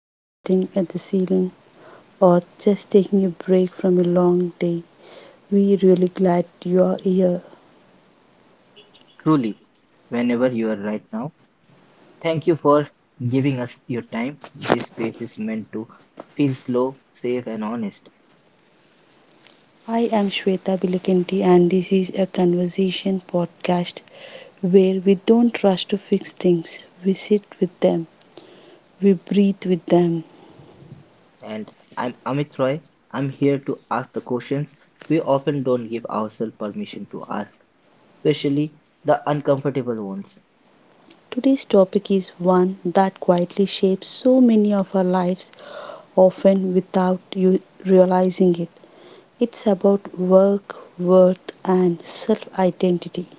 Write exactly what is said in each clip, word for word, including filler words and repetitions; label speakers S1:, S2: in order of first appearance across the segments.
S1: starting at the ceiling, or just taking a break from a long day, we are really glad you are here.
S2: Truly, whenever you are right now, thank you for giving us your time. This space is meant to feel slow, safe, and honest.
S1: I am Shweta Bilikanti and this is a conversation podcast where we don't rush to fix things. We sit with them. We breathe with them.
S2: And I'm Amit Roy. I'm here to ask the questions we often don't give ourselves permission to ask, especially the uncomfortable ones.
S1: Today's topic is one that quietly shapes so many of our lives, often without you realizing it. It's about work, worth, and self identity.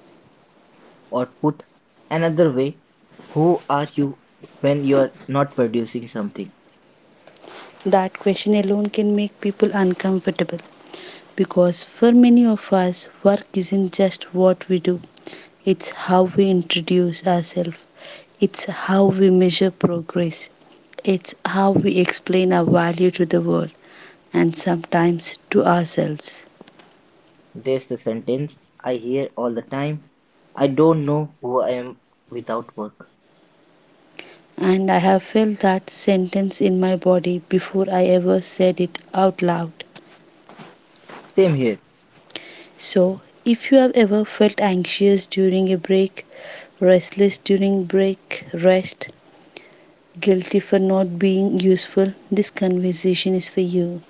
S2: Or put another way, who are you when you're not producing something?
S1: That question alone can make people uncomfortable because for many of us, work isn't just what we do, it's how we introduce ourselves, it's how we measure progress, it's how we explain our value to the world, and sometimes to ourselves.
S2: There's the sentence I hear all the time, I don't know who I am without work.
S1: And I have felt that sentence in my body before I ever said it out loud.
S2: Same here.
S1: So, if you have ever felt anxious during a break, restless during break, rest, guilty for not being useful, this conversation is for you.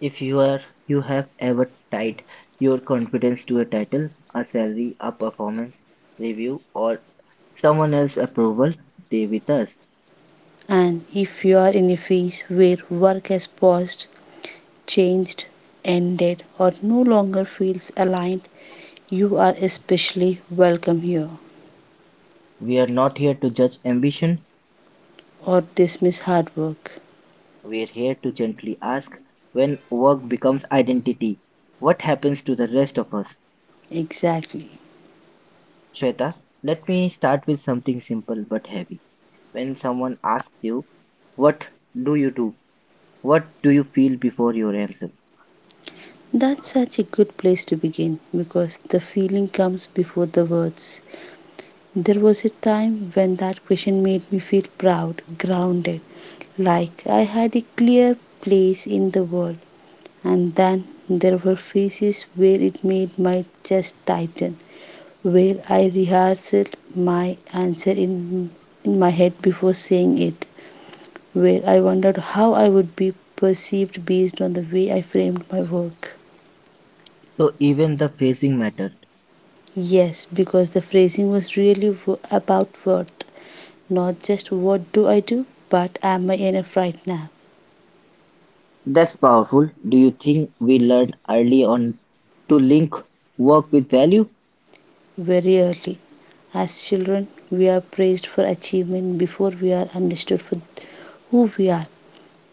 S2: If you are you have ever tied your confidence to a title, a salary, a performance review, or someone else's approval, stay with us.
S1: And if you are in a phase where work has paused, changed, ended, or no longer feels aligned, you are especially welcome here.
S2: We are not here to judge ambition.
S1: Or dismiss hard work.
S2: We are here to gently ask, when work becomes identity, what happens to the rest of us?
S1: Exactly.
S2: Shweta, let me start with something simple but heavy. When someone asks you, what do you do? What do you feel before your answer?
S1: That's such a good place to begin because the feeling comes before the words. There was a time when that question made me feel proud, grounded, like I had a clear place in the world. And then there were phases where it made my chest tighten, where I rehearsed my answer in, in my head before saying it, where I wondered how I would be perceived based on the way I framed my work.
S2: So even the phrasing matter.
S1: Yes, because the phrasing was really wo- about worth, not just what do I do, but am I enough right now?
S2: That's powerful. Do you think we learn early on to link work with value,
S1: Very early. As children, we are praised for achievement before we are understood for who we are.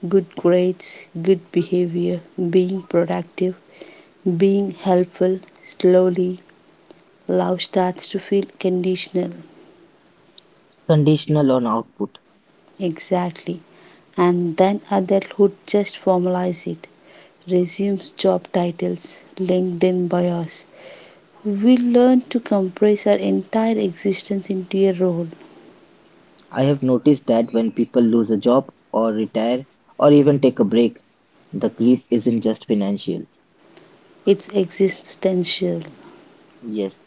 S1: Good grades, good behavior, being productive, being helpful. Slowly, love starts to feel conditional.
S2: conditional on output?
S1: Exactly. And then adulthood just formalizes it. Resumes, job titles, LinkedIn bios. We learn to compress our entire existence into a role.
S2: I have noticed that when people lose a job or retire or even take a break, the grief isn't just financial.
S1: It's existential
S2: Yes,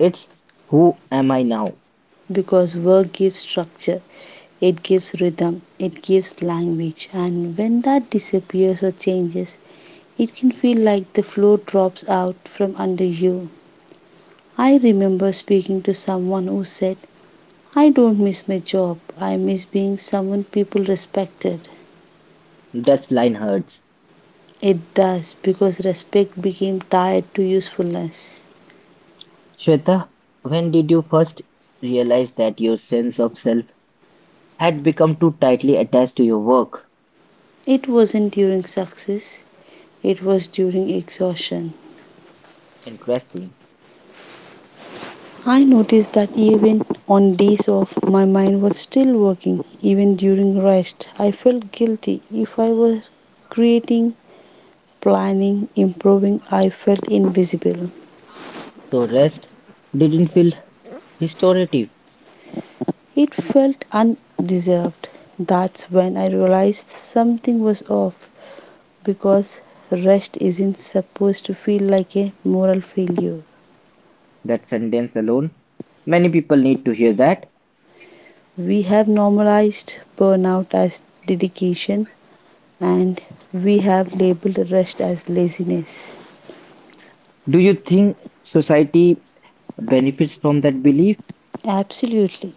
S2: it's who am I now?
S1: because work gives structure, it gives rhythm, it gives language, and when that disappears or changes, it can feel like the floor drops out from under you. I remember speaking to someone who said, I don't miss my job. I miss being someone people respected.
S2: That line hurts.
S1: It does because respect became tied to usefulness.
S2: Shweta, when did you first realize that your sense of self had become too tightly attached to your work?
S1: It wasn't during success, it was during exhaustion.
S2: Interesting.
S1: I noticed that even on days off, my mind was still working. Even during rest, I felt guilty if I was creating, planning, improving. I felt invisible.
S2: So rest didn't feel restorative.
S1: It felt undeserved. That's when I realized something was off, because rest isn't supposed to feel like a moral failure.
S2: That sentence alone, many people need to hear that.
S1: We have normalized burnout as dedication, and we have labeled rest as laziness.
S2: Do you think society benefits from that belief?
S1: Absolutely.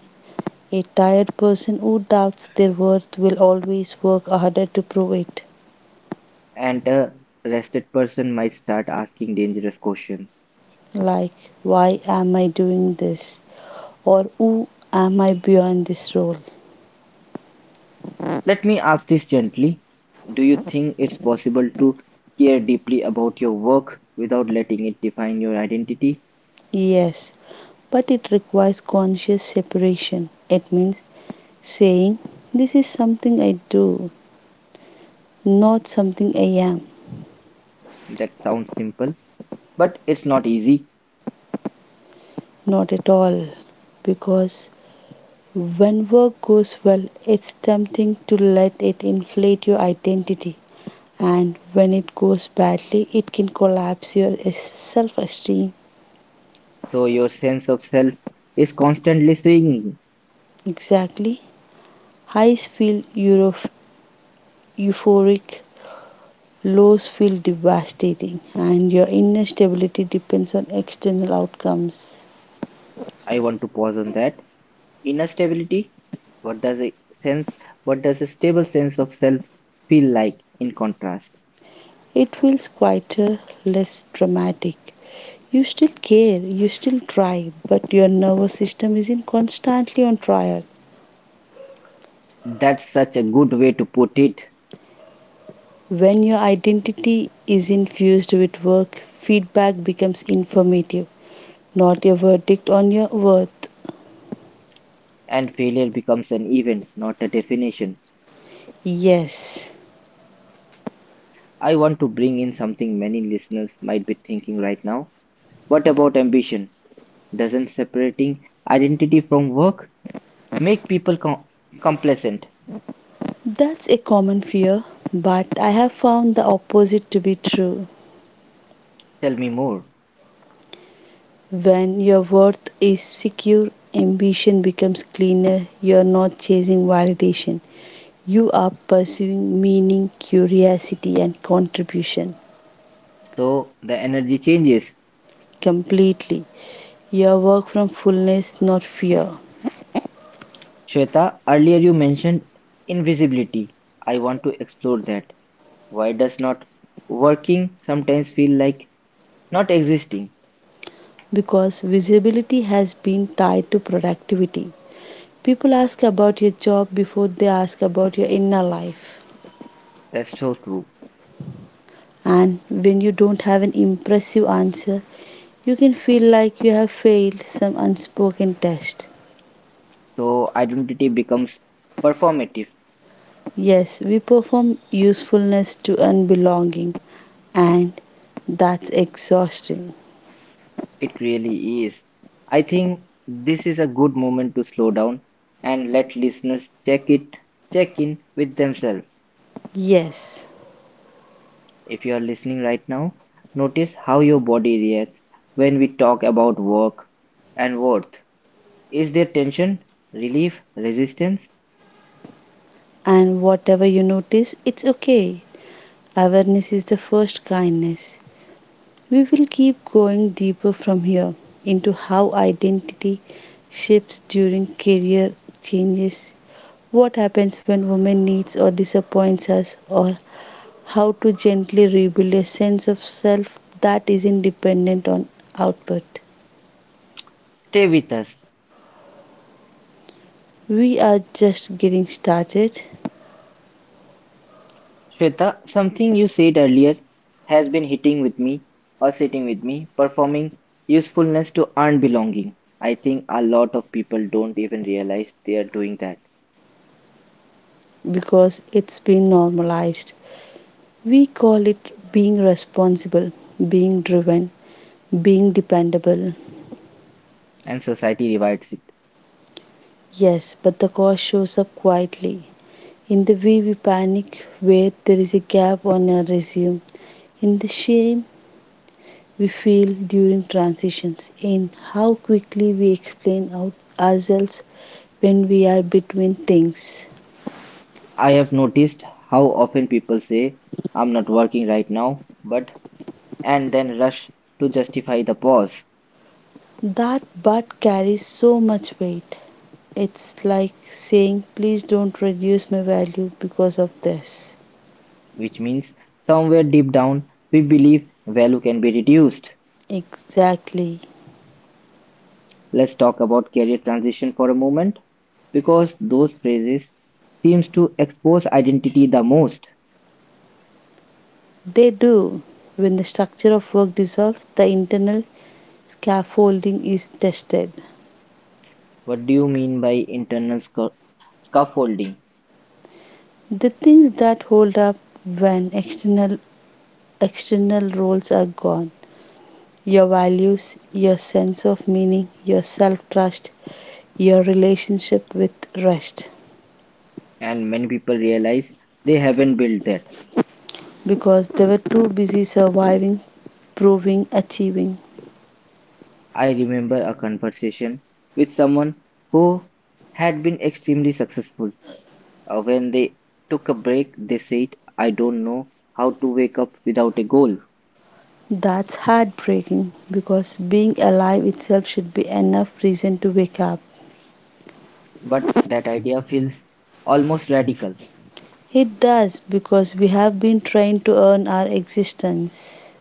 S1: A tired person who doubts their worth will always work harder to prove it.
S2: And a rested person might start asking dangerous questions.
S1: Like, why am I doing this? Or who am I beyond this role?
S2: Let me ask this gently. Do you think it's possible to care deeply about your work without letting it define your identity?
S1: Yes, but it requires conscious separation. It means saying, this is something I do, not something I am.
S2: That sounds simple, but it's not easy.
S1: Not at all. Because when work goes well, it's tempting to let it inflate your identity. And when it goes badly, it can collapse your self esteem.
S2: So your sense of self is constantly swinging.
S1: Exactly. Highs feel euro- euphoric, lows feel devastating, and your inner stability depends on external outcomes.
S2: I want to pause on that. Inner stability? What does a sense what does a stable sense of self feel like in contrast?
S1: It feels quieter, less dramatic. You still care, you still try, but your nervous system isn't constantly on trial.
S2: That's such a good way to put it,
S1: When your identity is infused with work, feedback becomes informative, not a verdict on your worth.
S2: and failure becomes an event, not a definition.
S1: Yes,
S2: I want to bring in something many listeners might be thinking right now. What about ambition? Doesn't separating identity from work make people com- complacent?
S1: that's a common fear, but I have found the opposite to be true.
S2: Tell me more.
S1: When your worth is secure, ambition becomes cleaner, you're not chasing validation, you are pursuing meaning, curiosity, and contribution
S2: So the energy changes.
S1: completely. Your work from fullness, not fear.
S2: Shweta, earlier you mentioned invisibility. I want to explore that. Why does not working sometimes feel like not existing?
S1: Because visibility has been tied to productivity. People ask about your job before they ask about your inner life.
S2: That's so true.
S1: And when you don't have an impressive answer, you can feel like you have failed some unspoken test.
S2: So identity becomes performative.
S1: Yes, we perform usefulness to earn belonging, and that's exhausting.
S2: It really is. I think this is a good moment to slow down and let listeners check it check in with themselves.
S1: Yes,
S2: If you are listening right now, notice how your body reacts when we talk about work and worth. Is there tension, relief, resistance?
S1: and whatever you notice, it's okay. Awareness is the first kindness. We will keep going deeper from here into how identity shifts during career changes, what happens when women needs or disappoints us, or how to gently rebuild a sense of self that isn't dependent on output.
S2: Stay with us.
S1: We are just getting started
S2: Shweta, something you said earlier has been hitting with me or sitting with me, performing usefulness to earn belonging. I think a lot of people don't even realize they are doing that,
S1: because it's been normalized. We call it being responsible, being driven, being dependable.
S2: and society rewards it.
S1: Yes, but the cost shows up quietly. In the way we panic where there is a gap on our resume, in the shame we feel during transitions, in how quickly we explain out ourselves when we are between things.
S2: I have noticed how often people say, I'm not working right now, but, and then rush to justify the pause,
S1: That but carries so much weight. It's like saying, please don't reduce my value because of this.
S2: which means somewhere deep down we believe value can be reduced.
S1: Exactly.
S2: Let's talk about career transition for a moment because those phrases seems to expose identity the most.
S1: They do. When the structure of work dissolves, the internal scaffolding is tested.
S2: What do you mean by internal sca- scaffolding?
S1: The things that hold up when external external roles are gone, your values, your sense of meaning, your self trust, your relationship with rest,
S2: And many people realize they haven't built that.
S1: because they were too busy surviving, proving, achieving.
S2: I remember a conversation with someone who had been extremely successful. Uh, when they took a break, they said, I don't know how to wake up without a goal.
S1: That's heartbreaking because being alive itself should be enough reason to wake up.
S2: But that idea feels almost radical.
S1: It does because we have been trying to earn our existence.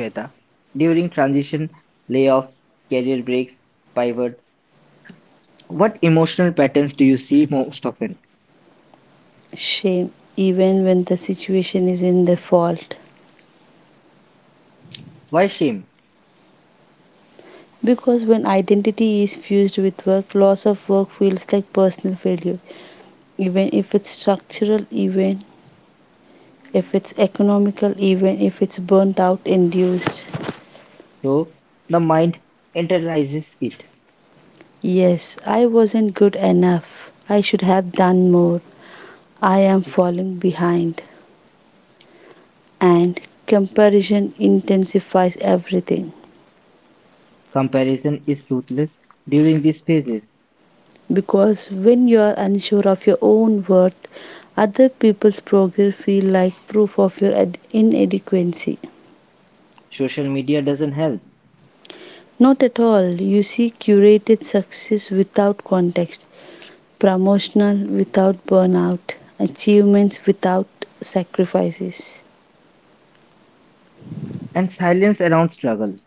S2: Shweta, during transition, layoffs, career breaks, pivot, what emotional patterns do you see most often?
S1: Shame, even when the situation is in the fault.
S2: Why shame?
S1: Because when identity is fused with work, loss of work feels like personal failure, even if it's structural, even if it's economical, even if it's burnt out induced.
S2: So, the mind internalizes it.
S1: Yes, I wasn't good enough. I should have done more. I am falling behind. And comparison intensifies everything,
S2: Comparison is ruthless during these phases.
S1: because when you are unsure of your own worth, other people's progress feel like proof of your ad- inadequacy.
S2: Social media doesn't help.
S1: Not at all. You see curated success without context, promotional without burnout, achievements without sacrifices.
S2: And silence around struggle.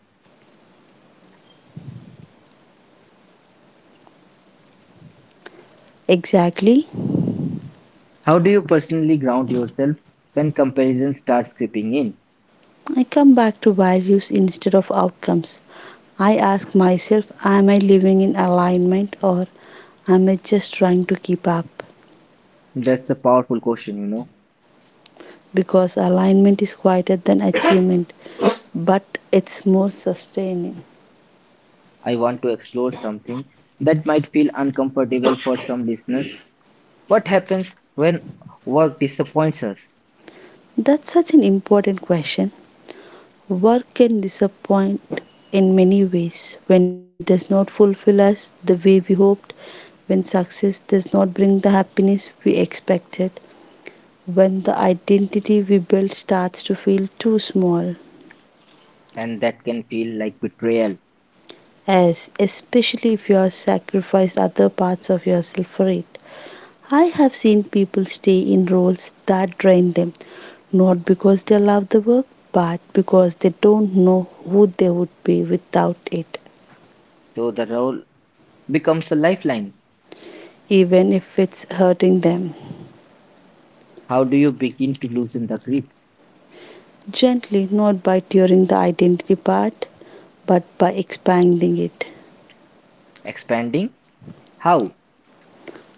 S1: Exactly.
S2: How do you personally ground yourself when comparison starts creeping in?
S1: I come back to values instead of outcomes. I ask myself, am I living in alignment or am I just trying to keep up?
S2: That's a powerful question, you know.
S1: Because alignment is quieter than achievement, but it's more sustaining.
S2: I want to explore something that might feel uncomfortable for some listeners. What happens when work disappoints us?
S1: That's such an important question. Work can disappoint in many ways, when it does not fulfill us the way we hoped, when success does not bring the happiness we expected, when the identity we built starts to feel too small,
S2: And that can feel like betrayal.
S1: as especially if you have sacrificed other parts of yourself for it. I have seen people stay in roles that drain them, not because they love the work, but because they don't know who they would be without it,
S2: So the role becomes a lifeline.
S1: even if it's hurting them.
S2: How do you begin to loosen the grip?
S1: Gently, not by tearing the identity apart, but by expanding it.
S2: Expanding? How?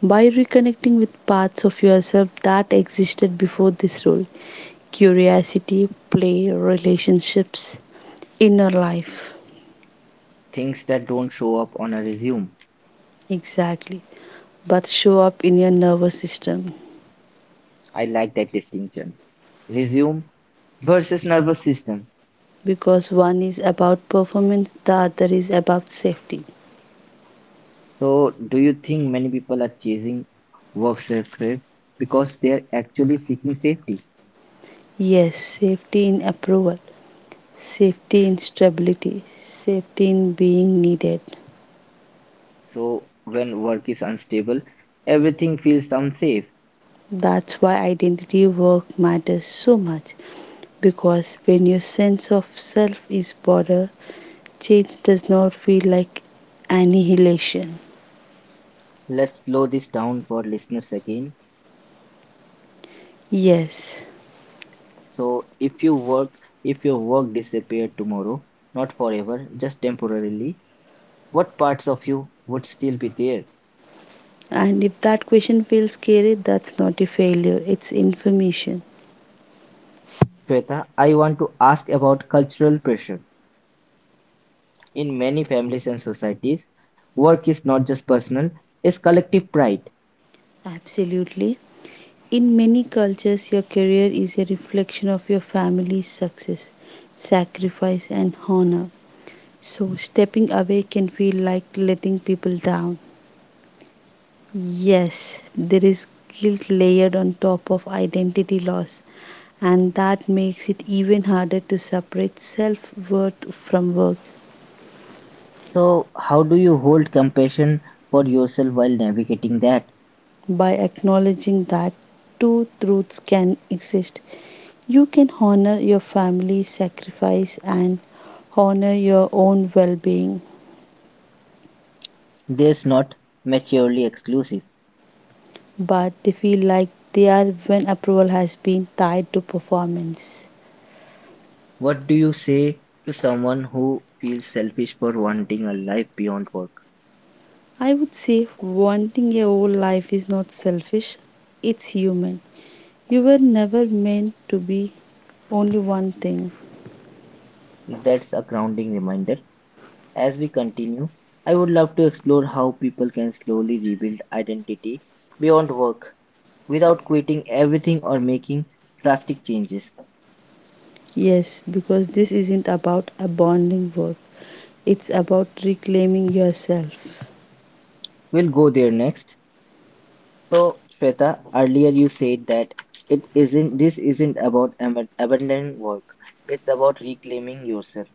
S1: By reconnecting with parts of yourself that existed before this role, curiosity, play, relationships, inner life.
S2: Things that don't show up on a resume.
S1: Exactly. But show up in your nervous system,
S2: I like that distinction. Resume versus nervous system.
S1: because one is about performance, the other is about safety.
S2: So, do you think many people are chasing work success because they're actually seeking safety?
S1: Yes, safety in approval, safety in stability, safety in being needed.
S2: So, when work is unstable, everything feels unsafe.
S1: That's why identity work matters so much, because when your sense of self is border, change does not feel like annihilation.
S2: Let's slow this down for listeners again.
S1: Yes.
S2: So if you work if your work disappeared tomorrow, not forever, just temporarily, what parts of you would still be there?
S1: And if that question feels scary, that's not a failure, it's information.
S2: Shweta, I want to ask about cultural pressure. In many families and societies, work is not just personal, it's collective pride.
S1: Absolutely. In many cultures, your career is a reflection of your family's success, sacrifice, and honor. So, stepping away can feel like letting people down. Yes, there is guilt layered on top of identity loss, and that makes it even harder to separate self worth from work.
S2: So how do you hold compassion for yourself while navigating that?
S1: By acknowledging that two truths can exist. You can honor your family's sacrifice and honor your own well being,
S2: There's not maturely exclusive.
S1: but they feel like they are when approval has been tied to performance.
S2: What do you say to someone who feels selfish for wanting a life beyond work?
S1: I would say wanting a whole life is not selfish, it's human. You were never meant to be only one thing.
S2: That's a grounding reminder. As we continue, I would love to explore how people can slowly rebuild identity beyond work without quitting everything or making drastic changes.
S1: Yes, because this isn't about abandoning work, it's about reclaiming yourself.
S2: We'll go there next. So, Shweta, earlier you said that it isn't this isn't about ab- abandoning work. It's about reclaiming yourself.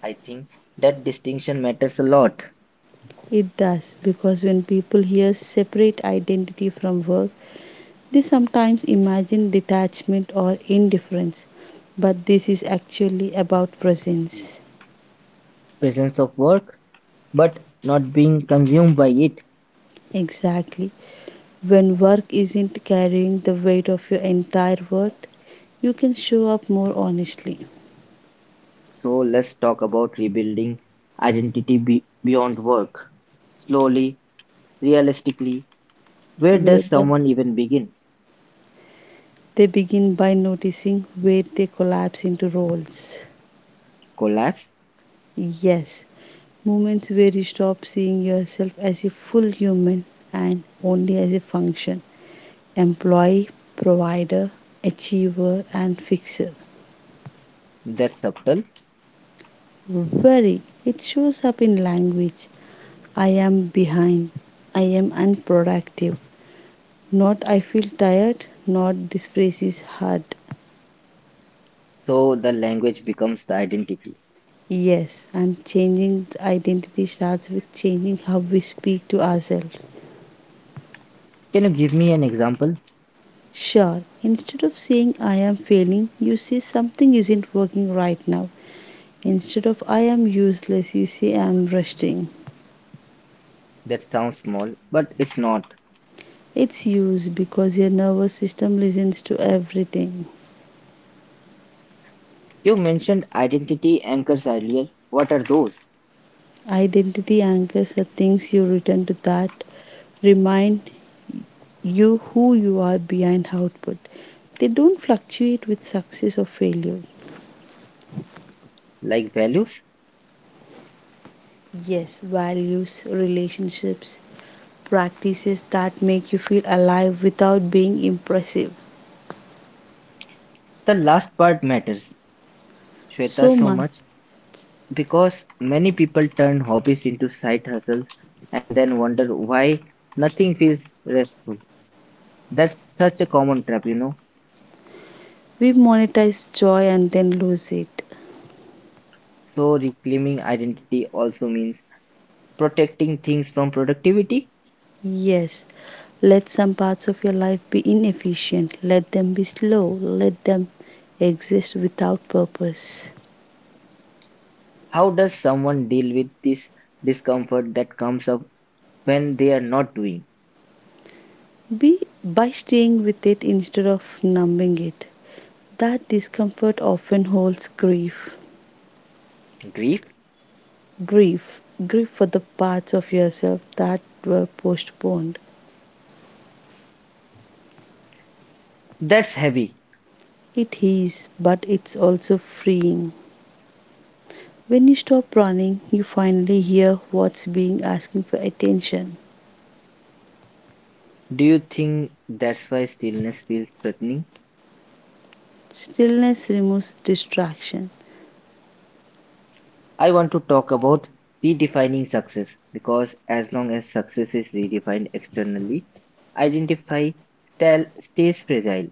S2: I think that distinction matters a lot.
S1: It does, because when people hear separate identity from work, they sometimes imagine detachment or indifference, but this is actually about presence.
S2: Presence of work but not being consumed by it.
S1: Exactly. When work isn't carrying the weight of your entire worth, you can show up more honestly.
S2: So let's talk about rebuilding identity be- beyond work. Slowly, realistically, where
S1: where
S2: does
S1: the,
S2: someone even begin?
S1: they begin by noticing where they collapse into roles.
S2: Collapse?
S1: Yes, moments where you stop seeing yourself as a full human and only as a function, employee, provider, achiever, and fixer.
S2: That's subtle.
S1: Worry, it shows up in language. I am behind. I am unproductive. Not I feel tired, not this phrase is hard.
S2: So the language becomes the identity.
S1: Yes, and changing the identity starts with changing how we speak to ourselves.
S2: Can you give me an example?
S1: Sure, instead of saying I am failing, you say something isn't working right now. Instead of I am useless, you say I am resting.
S2: That sounds small, but it's not.
S1: It's used because your nervous system listens to everything.
S2: You mentioned identity anchors earlier. What are those?
S1: Identity anchors are things you return to that remind you who you are behind output. They don't fluctuate with success or failure.
S2: Like values?
S1: Yes, values, relationships, practices that make you feel alive without being impressive.
S2: The last part matters, Shweta,
S1: So
S2: so
S1: much.
S2: much. Because many people turn hobbies into side hustles and then wonder why nothing feels restful. That's such a common trap, you know.
S1: We monetize joy and then lose it.
S2: So, reclaiming identity also means protecting things from productivity.
S1: Yes, let some parts of your life be inefficient, let them be slow, let them exist without purpose.
S2: How does someone deal with this discomfort that comes up when they are not doing?
S1: Be by staying with it instead of numbing it. That discomfort often holds grief.
S2: Grief?
S1: Grief, grief for the parts of yourself that were postponed.
S2: That's heavy.
S1: It is, but it's also freeing. When you stop running, you finally hear what's being asking for attention.
S2: Do you think that's why stillness feels threatening?
S1: Stillness removes distraction.
S2: I want to talk about redefining success because as long as success is redefined externally, identify style stays fragile.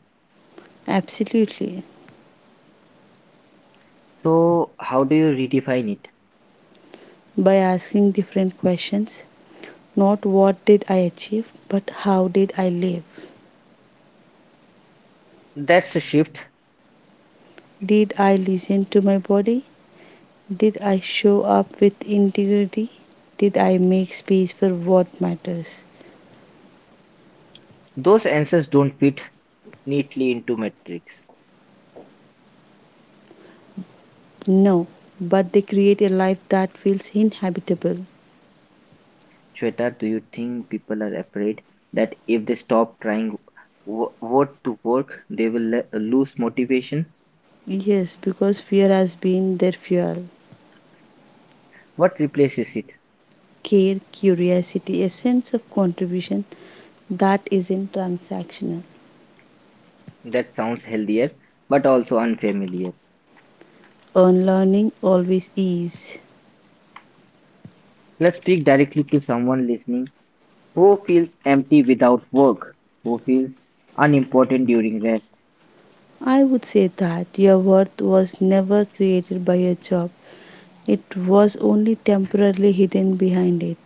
S1: Absolutely.
S2: So, how do you redefine it?
S1: By asking different questions, not what did I achieve, but how did I live?
S2: That's a shift.
S1: Did I listen to my body? Did I show up with integrity? Did I make space for what matters?
S2: Those answers don't fit neatly into metrics.
S1: No, but they create a life that feels inhabitable.
S2: Shweta, do you think people are afraid that if they stop trying w- what to work, they will le- lose motivation?
S1: Yes, because fear has been their fuel.
S2: What replaces it?
S1: Care, curiosity, a sense of contribution that isn't transactional.
S2: That sounds healthier, but also unfamiliar.
S1: Unlearning always is.
S2: Let's speak directly to someone listening. Who feels empty without work? Who feels unimportant during rest?
S1: I would say that your worth was never created by your job. It was only temporarily hidden behind it.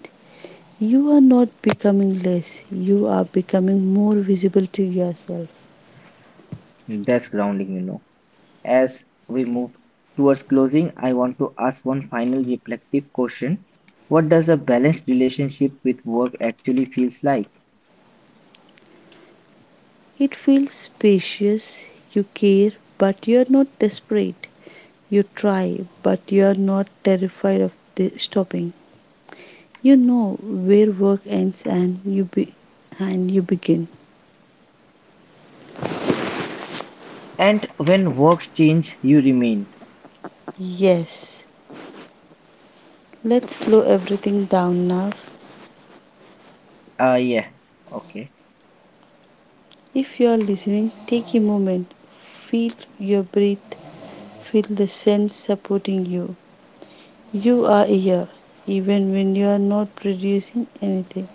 S1: You are not becoming less, you are becoming more visible to yourself.
S2: That's grounding, you know. As we move towards closing, I want to ask one final reflective question. What does a balanced relationship with work actually feels like?
S1: It feels spacious, you care, but you're not desperate. You try, but you're not terrified of the stopping. You know where work ends and you be- and you begin.
S2: And when works change, you remain.
S1: Yes. Let's slow everything down now.
S2: Ah, yeah. Okay.
S1: If you are listening, take a moment, feel your breath, feel the sense supporting you. You are here, even when you are not producing anything.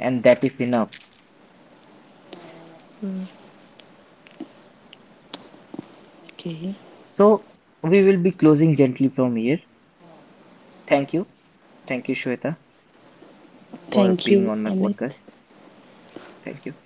S2: And that is enough.
S1: Okay,
S2: So we will be closing gently from here. Thank you. Thank you, Shweta, for
S1: thank
S2: being
S1: you,
S2: on my
S1: Amit.
S2: podcast. Thank you.